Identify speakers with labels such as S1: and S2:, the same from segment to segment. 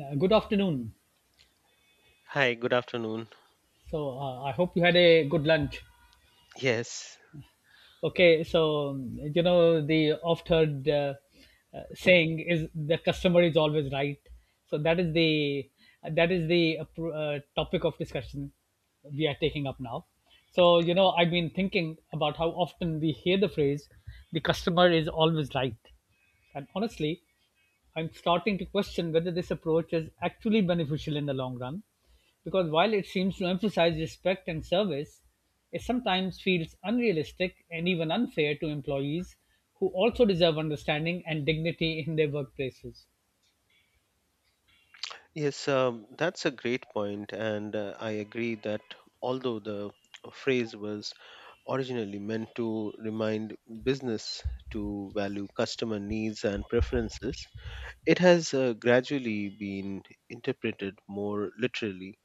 S1: Good afternoon.
S2: Hi, good afternoon.
S1: So I hope you had a good lunch.
S2: Yes,
S1: Okay, the oft-heard saying is the customer is always right. So that is the pr- topic of discussion we are taking up now. So I've been thinking about how often we hear the phrase "the customer is always right," and honestly, I'm starting to question whether this approach is actually beneficial in the long run, because while it seems to emphasize respect and service, it sometimes feels unrealistic and even unfair to employees who also deserve understanding and dignity in their workplaces.
S2: yes, that's a great point, and I agree that although the phrase was originally meant to remind business to value customer needs and preferences. It has gradually been interpreted more literally,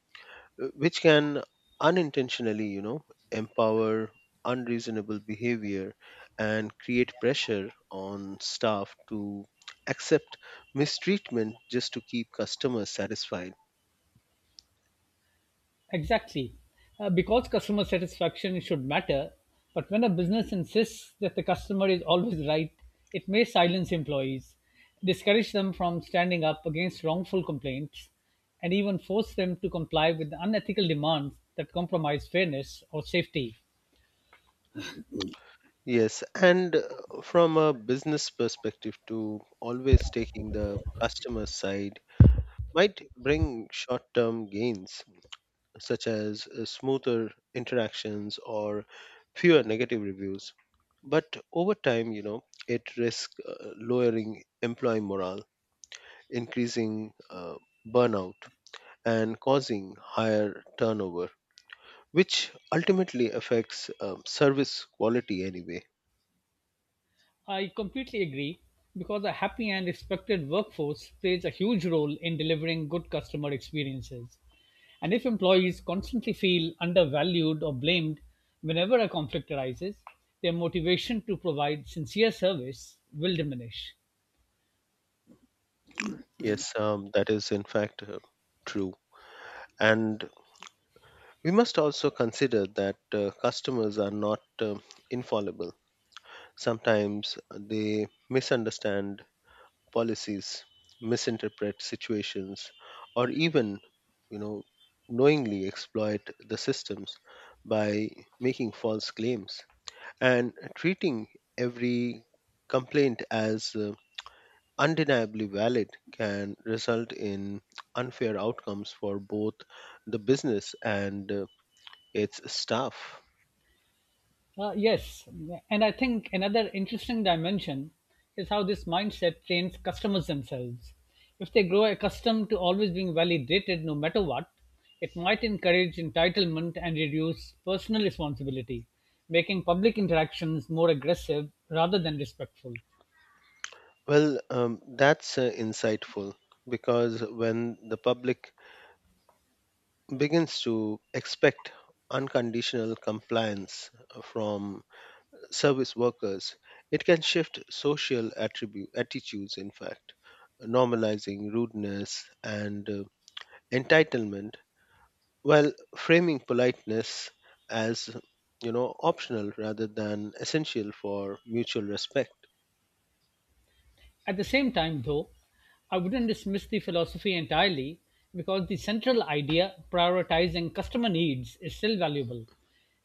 S2: which can unintentionally, you know, empower unreasonable behavior and create pressure on staff to accept mistreatment just to keep customers satisfied.
S1: Exactly. Because customer satisfaction should matter, but when a business insists that the customer is always right, it may silence employees, discourage them from standing up against wrongful complaints, and even force them to comply with unethical demands that compromise fairness or safety.
S2: Yes, and from a business perspective, to always taking the customer side might bring short term gains such as smoother interactions or fewer negative reviews. But over time, you know, it risks lowering employee morale, increasing burnout, and causing higher turnover, which ultimately affects service quality anyway.
S1: I completely agree, because a happy and respected workforce plays a huge role in delivering good customer experiences. And if employees constantly feel undervalued or blamed whenever a conflict arises, their motivation to provide sincere service will diminish.
S2: Yes, that is in fact true. And we must also consider that customers are not infallible. Sometimes they misunderstand policies, misinterpret situations, or even, you know, knowingly exploit the systems by making false claims, and treating every complaint as undeniably valid can result in unfair outcomes for both the business and its staff.
S1: Yes, and I think another interesting dimension is how this mindset trains customers themselves. If they grow accustomed to always being validated no matter what, it might encourage entitlement and reduce personal responsibility, making public interactions more aggressive rather than respectful.
S2: Well, that's insightful because when the public begins to expect unconditional compliance from service workers, it can shift attitudes, in fact, normalizing rudeness and entitlement, while framing politeness as, you know, optional rather than essential for mutual respect.
S1: At the same time, though, I wouldn't dismiss the philosophy entirely, because the central idea, prioritizing customer needs, is still valuable.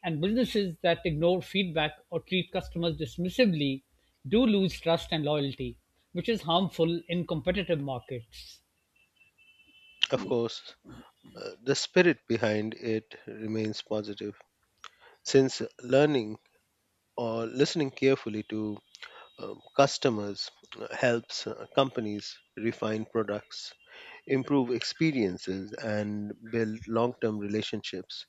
S1: And businesses that ignore feedback or treat customers dismissively do lose trust and loyalty, which is harmful in competitive markets.
S2: Of course, the spirit behind it remains positive since learning or listening carefully to customers helps companies refine products, improve experiences, and build long term relationships.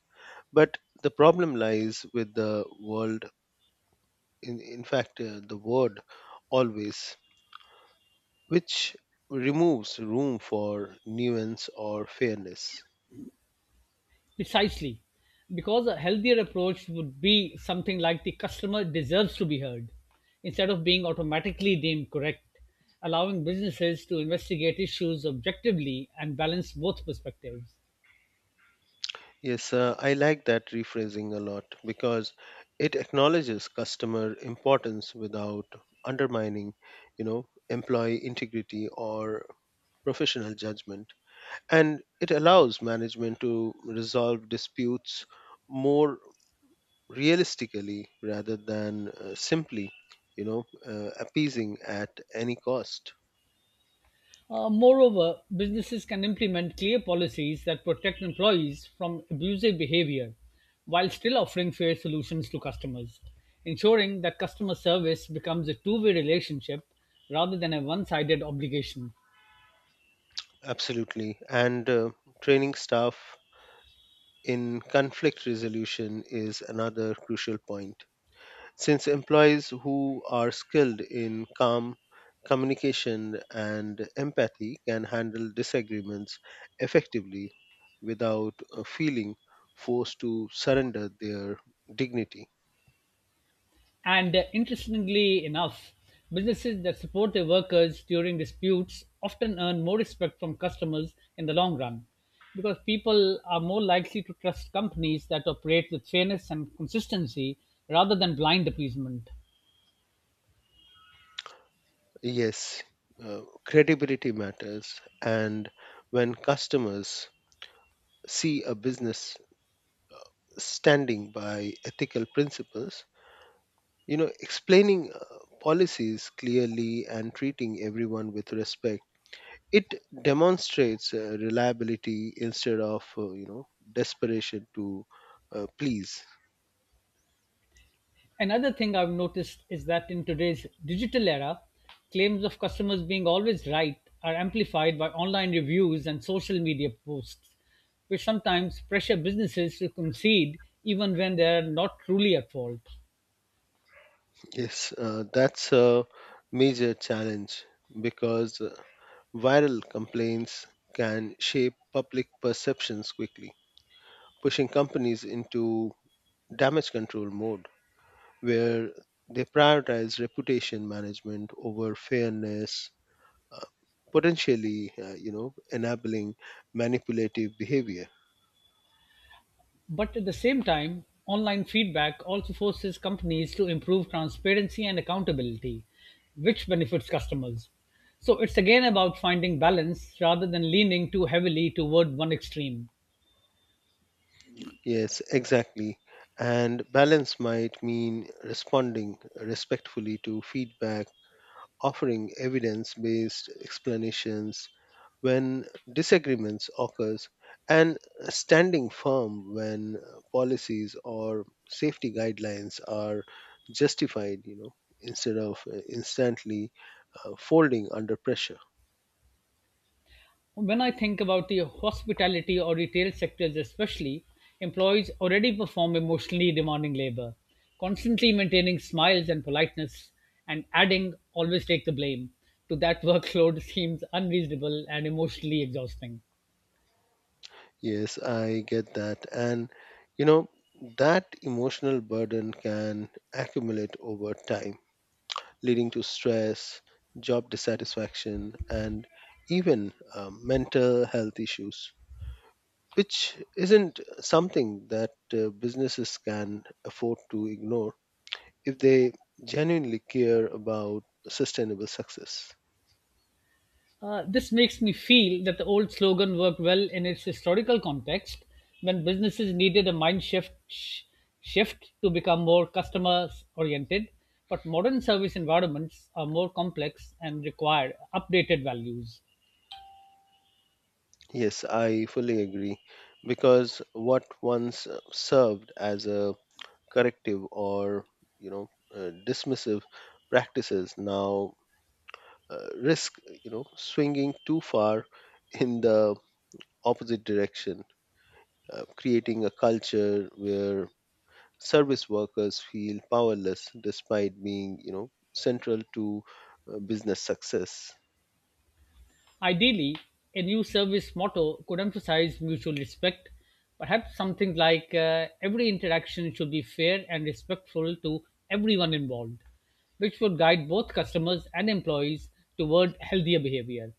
S2: But the problem lies with the world, in fact, the word always, which removes room for nuance or fairness.
S1: Precisely, because a healthier approach would be something like the customer deserves to be heard instead of being automatically deemed correct, allowing businesses to investigate issues objectively and balance both perspectives.
S2: Yes, I like that rephrasing a lot because it acknowledges customer importance without undermining, you know, employee integrity or professional judgment, and it allows management to resolve disputes more realistically rather than simply, you know, appeasing at any cost.
S1: Moreover, businesses can implement clear policies that protect employees from abusive behavior while still offering fair solutions to customers, ensuring that customer service becomes a two-way relationship rather than a one sided obligation.
S2: Absolutely. And training staff in conflict resolution is another crucial point, since employees who are skilled in calm communication and empathy can handle disagreements effectively without feeling forced to surrender their dignity.
S1: And Interestingly enough, businesses that support their workers during disputes often earn more respect from customers in the long run, because people are more likely to trust companies that operate with fairness and consistency rather than blind appeasement.
S2: Yes, credibility matters, and when customers see a business standing by ethical principles, you know, explaining policies clearly and treating everyone with respect. It demonstrates reliability instead of, you know, desperation to please.
S1: Another thing I've noticed is that in today's digital era, claims of customers being always right are amplified by online reviews and social media posts, which sometimes pressure businesses to concede even when they're not truly at fault.
S2: Yes, that's a major challenge because viral complaints can shape public perceptions quickly, pushing companies into damage control mode where they prioritize reputation management over fairness, uh, potentially, you know, enabling manipulative behavior.
S1: But at the same time, online feedback also forces companies to improve transparency and accountability, which benefits customers. So it's again about finding balance rather than leaning too heavily toward one extreme.
S2: Yes, exactly. And balance might mean responding respectfully to feedback, offering evidence based explanations when disagreements occurs, and standing firm when policies or safety guidelines are justified, you know, instead of instantly folding under pressure.
S1: When I think about the hospitality or retail sectors, especially, employees already perform emotionally demanding labor. Constantly maintaining smiles and politeness, and adding always take the blame to that workload seems unreasonable and emotionally exhausting.
S2: Yes, I get that. And you know, that emotional burden can accumulate over time, leading to stress, job dissatisfaction, and even mental health issues, which isn't something that businesses can afford to ignore if they genuinely care about sustainable success.
S1: This makes me feel that the old slogan worked well in its historical context, when businesses needed a shift to become more customer oriented, but modern service environments are more complex and require updated values.
S2: Yes, I fully agree, because what once served as a corrective or, you know, dismissive practices now risk, you know, swinging too far in the opposite direction, creating a culture where service workers feel powerless despite being, you know, central to business success.
S1: Ideally, a new service motto could emphasize mutual respect. Perhaps something like every interaction should be fair and respectful to everyone involved, which would guide both customers and employees toward healthier behavior.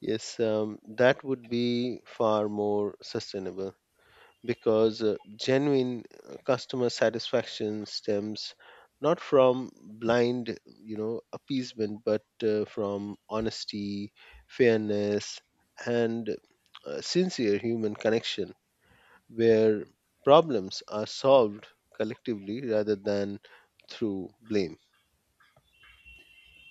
S2: Yes that would be far more sustainable because genuine customer satisfaction stems not from blind, you know, appeasement, but from honesty, fairness, and sincere human connection where problems are solved collectively rather than through blame.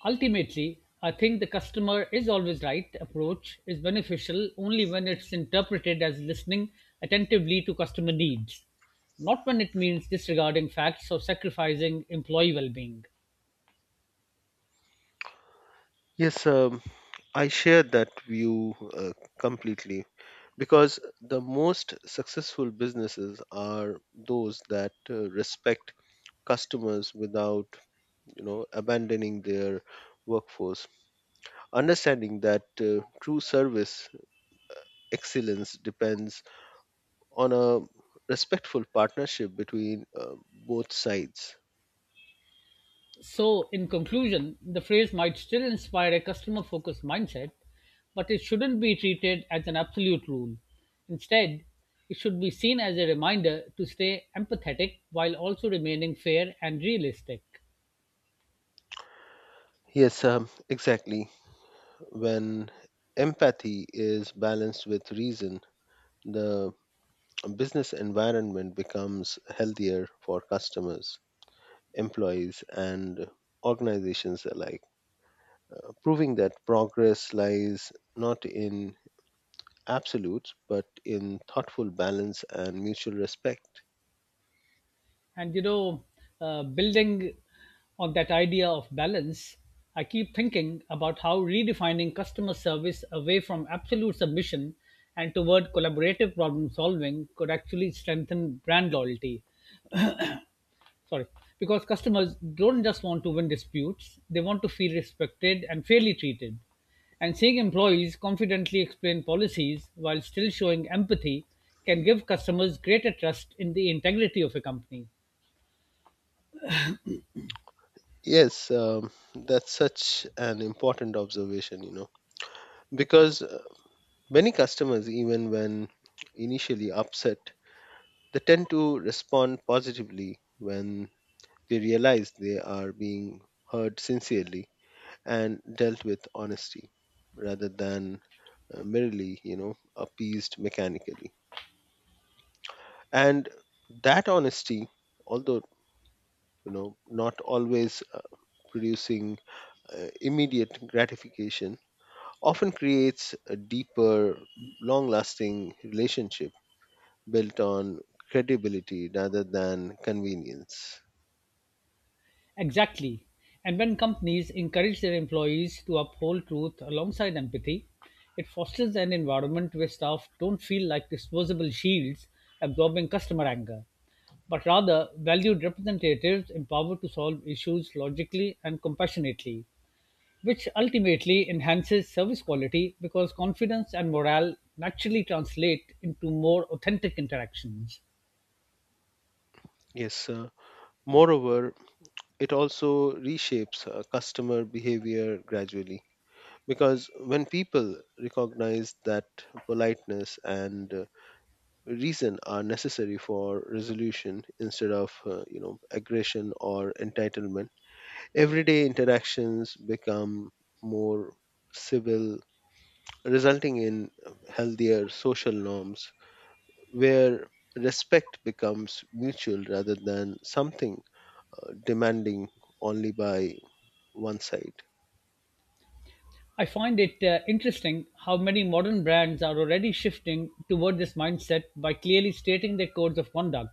S1: Ultimately, I think the customer is always right approach is beneficial only when it's interpreted as listening attentively to customer needs, not when it means disregarding facts or sacrificing employee well being.
S2: Yes um, i share that view completely because the most successful businesses are those that respect customers without, you know, abandoning their workforce, understanding that true service excellence depends on a respectful partnership between both sides.
S1: So, in conclusion, the phrase might still inspire a customer focused mindset, but it shouldn't be treated as an absolute rule. Instead, it should be seen as a reminder to stay empathetic while also remaining fair and realistic.
S2: Yes exactly. When empathy is balanced with reason, the business environment becomes healthier for customers, employees, and organizations alike, proving that progress lies not in absolutes, but in thoughtful balance and mutual respect.
S1: And you know, Building on that idea of balance, I keep thinking about how redefining customer service away from absolute submission and toward collaborative problem solving could actually strengthen brand loyalty, sorry, because customers don't just want to win disputes, they want to feel respected and fairly treated. And seeing employees confidently explain policies while still showing empathy can give customers greater trust in the integrity of a company.
S2: Yes, that's such an important observation, you know, because many customers, even when initially upset, they tend to respond positively when they realize they are being heard sincerely and dealt with honesty rather than merely, you know, appeased mechanically. And that honesty, although, you know, not always producing immediate gratification, often creates a deeper long lasting relationship built on credibility rather than convenience.
S1: Exactly. And when companies encourage their employees to uphold truth alongside empathy, it fosters an environment where staff don't feel like disposable shields absorbing customer anger, but rather valued representatives empowered to solve issues logically and compassionately, which ultimately enhances service quality because confidence and morale naturally translate into more authentic interactions.
S2: yes uh, Moreover, it also reshapes customer behavior gradually because when people recognize that politeness and reason are necessary for resolution instead of, you know, aggression or entitlement, everyday interactions become more civil, resulting in healthier social norms where respect becomes mutual rather than something demanding only by one side.
S1: I find it interesting how many modern brands are already shifting toward this mindset by clearly stating their codes of conduct,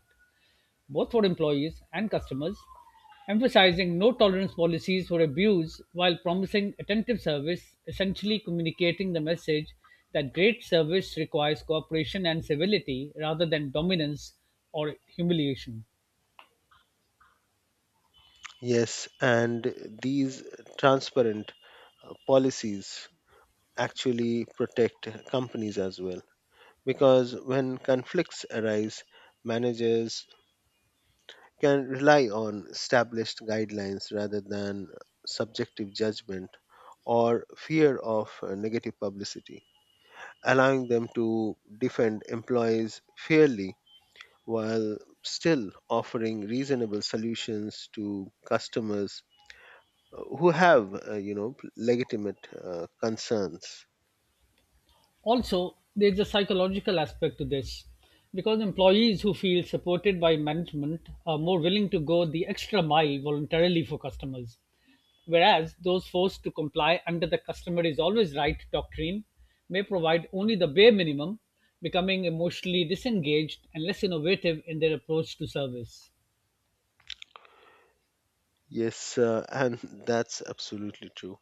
S1: both for employees and customers, emphasizing no tolerance policies for abuse while promising attentive service, essentially communicating the message that great service requires cooperation and civility rather than dominance or humiliation.
S2: Yes, and these transparent policies actually protect companies as well, because when conflicts arise, managers can rely on established guidelines rather than subjective judgment or fear of negative publicity, allowing them to defend employees fairly while still offering reasonable solutions to customers who have, you know, legitimate concerns.
S1: Also, there's a psychological aspect to this, because employees who feel supported by management are more willing to go the extra mile voluntarily for customers, whereas those forced to comply under the customer is always right doctrine may provide only the bare minimum, becoming emotionally disengaged and less innovative in their approach to service.
S2: Yes, and that's absolutely true.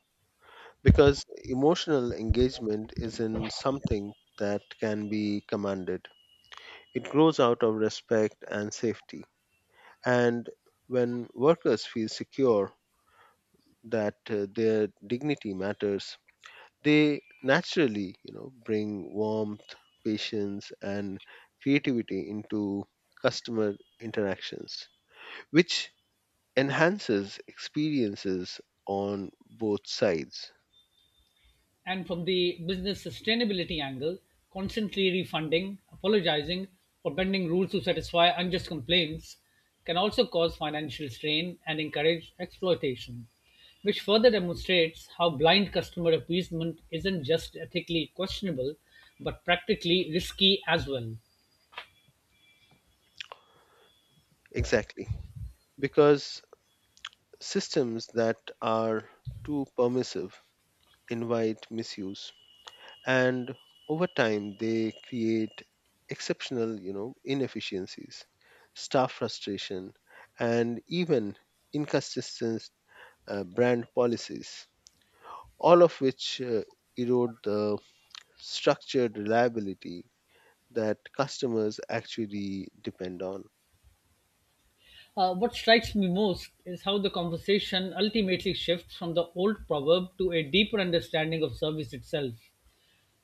S2: Because emotional engagement isn't something that can be commanded. It grows out of respect and safety. And when workers feel secure that their dignity matters, they naturally, you know, bring warmth, patience, and creativity into customer interactions, which enhances experiences on both sides.
S1: And from the business sustainability angle, constantly refunding, apologizing, or bending rules to satisfy unjust complaints can also cause financial strain and encourage exploitation, which further demonstrates how blind customer appeasement isn't just ethically questionable, but practically risky as well.
S2: Exactly. Because systems that are too permissive invite misuse, and over time they create exceptional, you know, inefficiencies, staff frustration, and even inconsistent brand policies, all of which erode the structured reliability that customers actually depend on.
S1: What strikes me most is how the conversation ultimately shifts from the old proverb to a deeper understanding of service itself,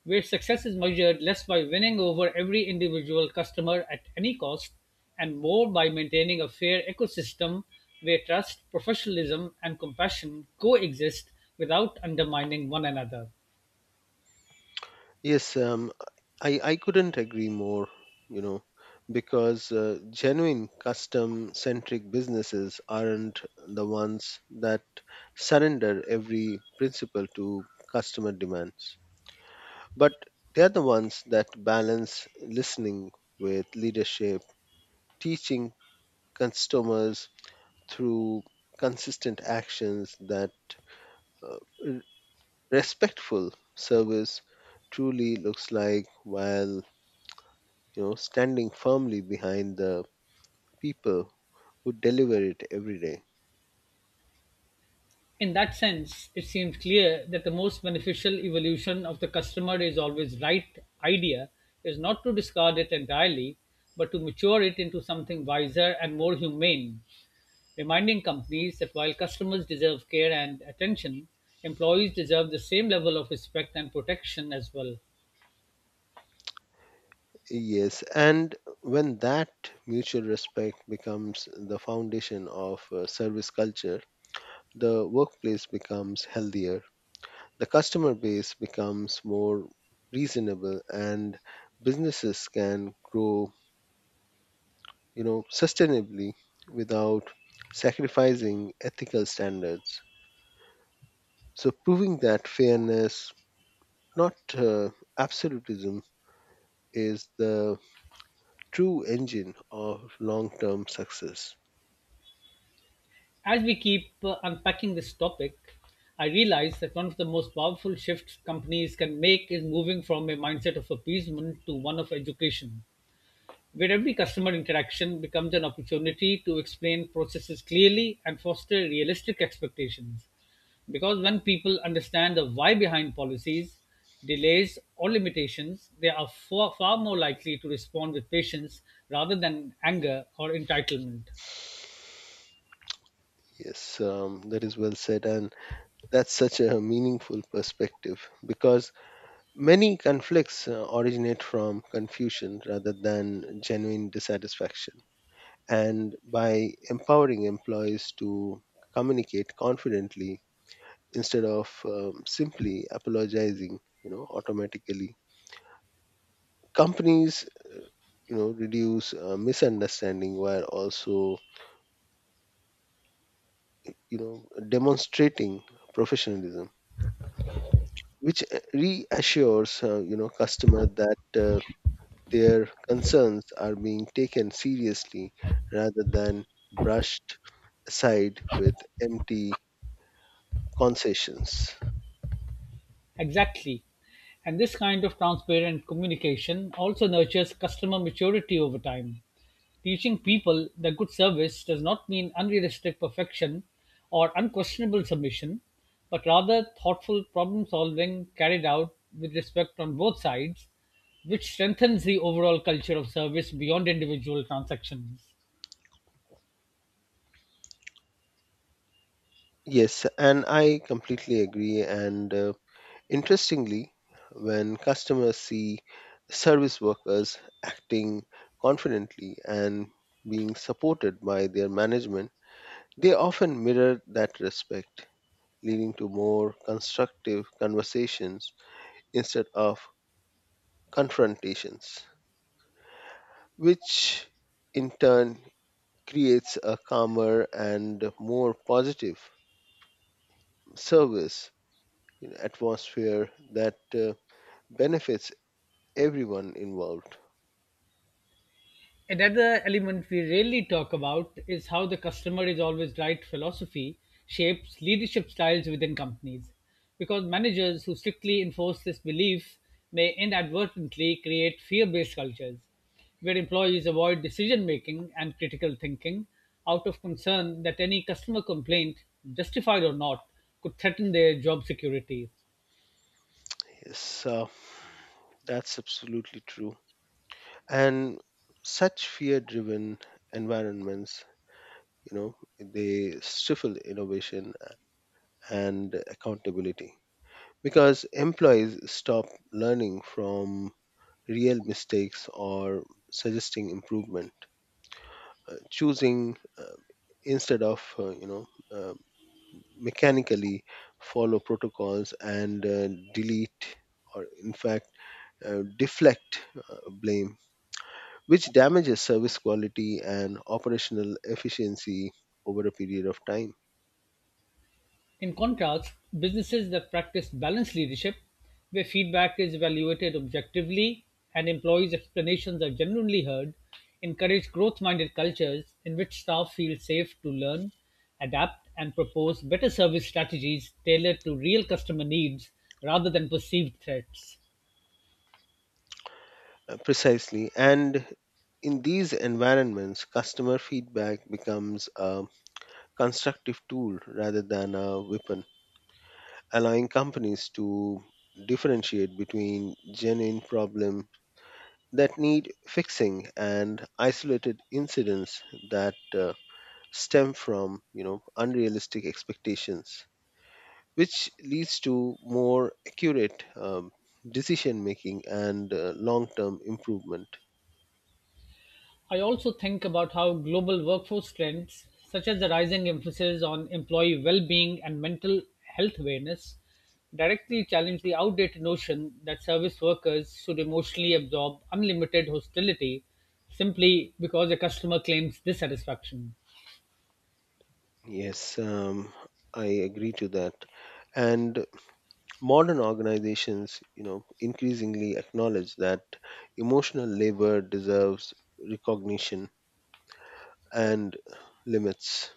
S1: where success is measured less by winning over every individual customer at any cost and more by maintaining a fair ecosystem where trust, professionalism, and compassion coexist without undermining one another.
S2: Yes, I couldn't agree more, you know, because genuine custom centric businesses aren't the ones that surrender every principle to customer demands, but they're the ones that balance listening with leadership, teaching customers through consistent actions that uh, r- respectful service truly looks like, while, you know, standing firmly behind the people who deliver it every day.
S1: In that sense, it seems clear that the most beneficial evolution of the customer is always right idea is not to discard it entirely, but to mature it into something wiser and more humane, reminding companies that while customers deserve care and attention, employees deserve the same level of respect and protection as well.
S2: Yes, and when that mutual respect becomes the foundation of service culture, the workplace becomes healthier, the customer base becomes more reasonable, and businesses can grow, you know, sustainably without sacrificing ethical standards. So, proving that fairness, not absolutism, is the true engine of long term success.
S1: As we keep unpacking this topic, I realize that one of the most powerful shifts companies can make is moving from a mindset of appeasement to one of education, where every customer interaction becomes an opportunity to explain processes clearly and foster realistic expectations. Because when people understand the why behind policies, delays, or limitations, they are far, far more likely to respond with patience rather than anger or entitlement.
S2: Yes, that is well said, and that's such a meaningful perspective because many conflicts originate from confusion rather than genuine dissatisfaction. And by empowering employees to communicate confidently instead of simply apologizing, you know, automatically, companies, you know, reduce misunderstanding while also, you know, demonstrating professionalism, which reassures, you know, customer that their concerns are being taken seriously rather than brushed aside with empty concessions.
S1: Exactly. And this kind of transparent communication also nurtures customer maturity over time. Teaching people that good service does not mean unrealistic perfection or unquestionable submission, but rather thoughtful problem solving carried out with respect on both sides, which strengthens the overall culture of service beyond individual transactions.
S2: Yes and I completely agree. And interestingly, when customers see service workers acting confidently and being supported by their management, they often mirror that respect, leading to more constructive conversations instead of confrontations, which in turn creates a calmer and more positive service atmosphere that benefits everyone involved.
S1: Another element we rarely talk about is how the customer is always right philosophy shapes leadership styles within companies. Because managers who strictly enforce this belief may inadvertently create fear based cultures, where employees avoid decision making and critical thinking out of concern that any customer complaint, justified or not, could threaten their job security.
S2: Yes, that's absolutely true. And such fear driven environments, you know, they stifle innovation and accountability because employees stop learning from real mistakes or suggesting improvement, choosing, instead of, uh, mechanically follow protocols and delete, or in fact deflect uh, blame, which damages service quality and operational efficiency over a period of time.
S1: In contrast, businesses that practice balanced leadership, where feedback is evaluated objectively and employees' explanations are genuinely heard, encourage growth minded cultures in which staff feel safe to learn, adapt, and propose better service strategies tailored to real customer needs rather than perceived threats.
S2: Precisely. And in these environments, customer feedback becomes a constructive tool rather than a weapon, allowing companies to differentiate between genuine problems that need fixing and isolated incidents that stem from, you know, unrealistic expectations, which leads to more accurate decision making and long term improvement.
S1: I also think about how global workforce trends, such as the rising emphasis on employee well being and mental health awareness, directly challenge the outdated notion that service workers should emotionally absorb unlimited hostility simply because a customer claims dissatisfaction.
S2: Yes, I agree to that. And modern organizations, you know, increasingly acknowledge that emotional labor deserves recognition and limits,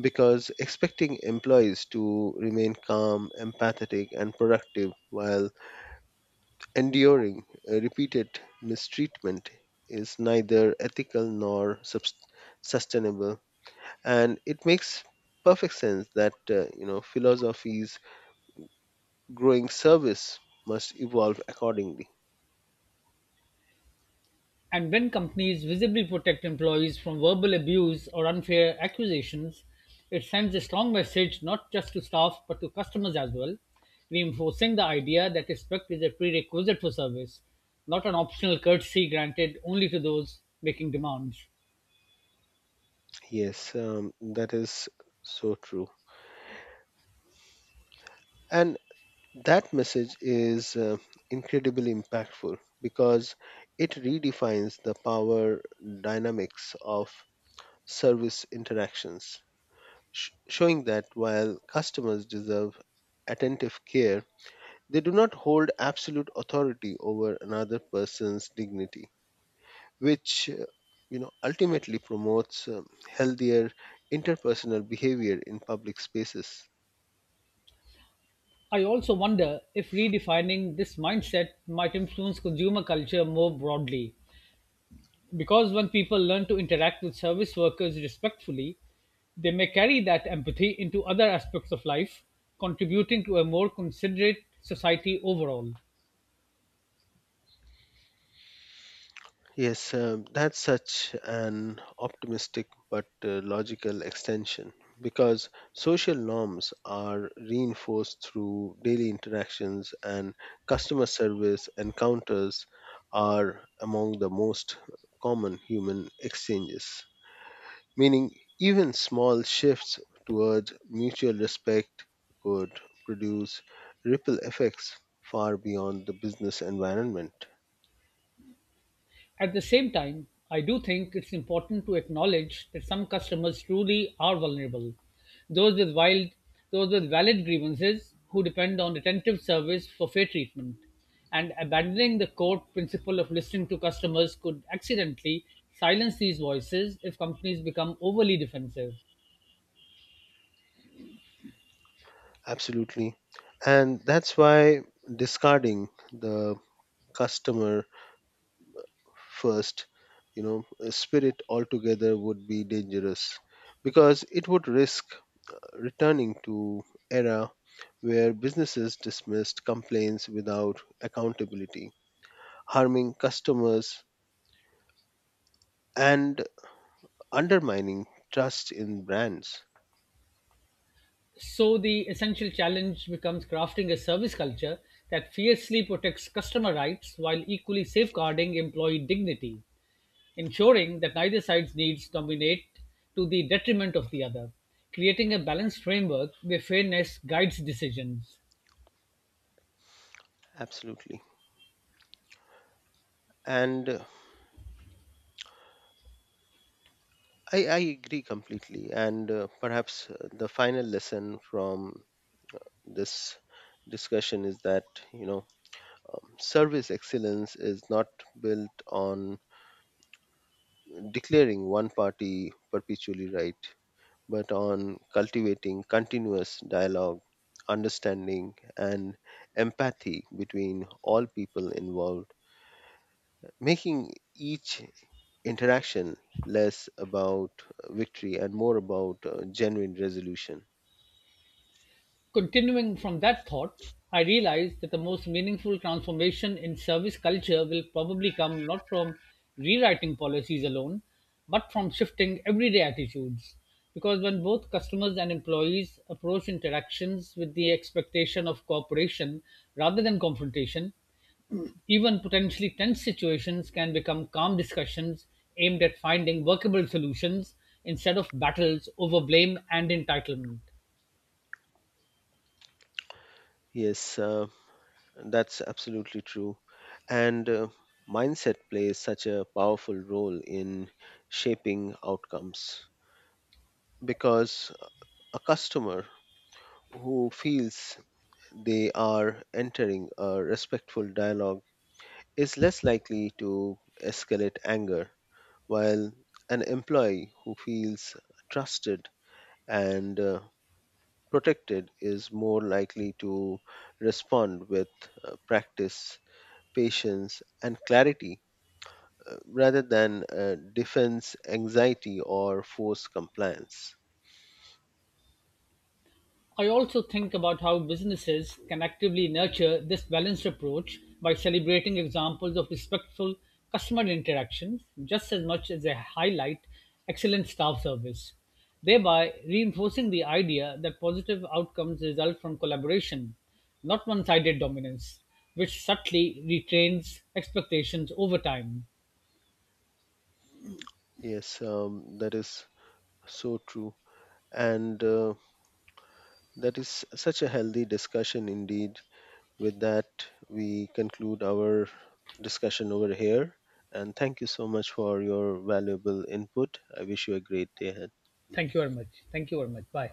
S2: because expecting employees to remain calm, empathetic, and productive while enduring repeated mistreatment is neither ethical nor sustainable. And it makes perfect sense that, you know, philosophies growing service must evolve accordingly.
S1: And when companies visibly protect employees from verbal abuse or unfair accusations, it sends a strong message not just to staff but to customers as well, reinforcing the idea that respect is a prerequisite for service, not an optional courtesy granted only to those making demands.
S2: Yes, that is so true. And that message is incredibly impactful because it redefines the power dynamics of service interactions, showing that while customers deserve attentive care, they do not hold absolute authority over another person's dignity, which, you know, ultimately promotes healthier interpersonal behavior in public spaces.
S1: I also wonder if redefining this mindset might influence consumer culture more broadly, because when people learn to interact with service workers respectfully, they may carry that empathy into other aspects of life, contributing to a more considerate society overall.
S2: Yes, that's such an optimistic but logical extension because social norms are reinforced through daily interactions, and customer service encounters are among the most common human exchanges, meaning even small shifts towards mutual respect could produce ripple effects far beyond the business environment.
S1: At the same time, I do think it's important to acknowledge that some customers truly are vulnerable. Those with wild, those with valid grievances who depend on attentive service for fair treatment. And abandoning the core principle of listening to customers could accidentally silence these voices if companies become overly defensive.
S2: Absolutely. And that's why discarding the customer first, you know, spirit altogether would be dangerous because it would risk returning to era where businesses dismissed complaints without accountability, harming customers and undermining trust in brands.
S1: So the essential challenge becomes crafting a service culture that fiercely protects customer rights while equally safeguarding employee dignity, ensuring that neither side's needs dominate to the detriment of the other, creating a balanced framework where fairness guides decisions.
S2: Absolutely. And I agree completely. And perhaps the final lesson from this discussion is that, you know, service excellence is not built on declaring one party perpetually right, but on cultivating continuous dialogue, understanding, and empathy between all people involved, making each interaction less about victory and more about genuine resolution.
S1: Continuing from that thought, I realized that the most meaningful transformation in service culture will probably come not from rewriting policies alone, but from shifting everyday attitudes. Because when both customers and employees approach interactions with the expectation of cooperation rather than confrontation, even potentially tense situations can become calm discussions aimed at finding workable solutions instead of battles over blame and entitlement.
S2: Yes, that's absolutely true. And mindset plays such a powerful role in shaping outcomes because a customer who feels they are entering a respectful dialogue is less likely to escalate anger, while an employee who feels trusted and protected is more likely to respond with practice, patience, and clarity, rather than defense anxiety or forced compliance.
S1: I also think about how businesses can actively nurture this balanced approach by celebrating examples of respectful customer interaction just as much as they highlight excellent staff service, thereby reinforcing the idea that positive outcomes result from collaboration, not one sided dominance, which subtly retrains expectations over time.
S2: Yes, that is so true. And that is such a healthy discussion indeed. With that, we conclude our discussion over here. And thank you so much for your valuable input. I wish you a great day ahead.
S1: Thank you very much. Thank you very much. Bye.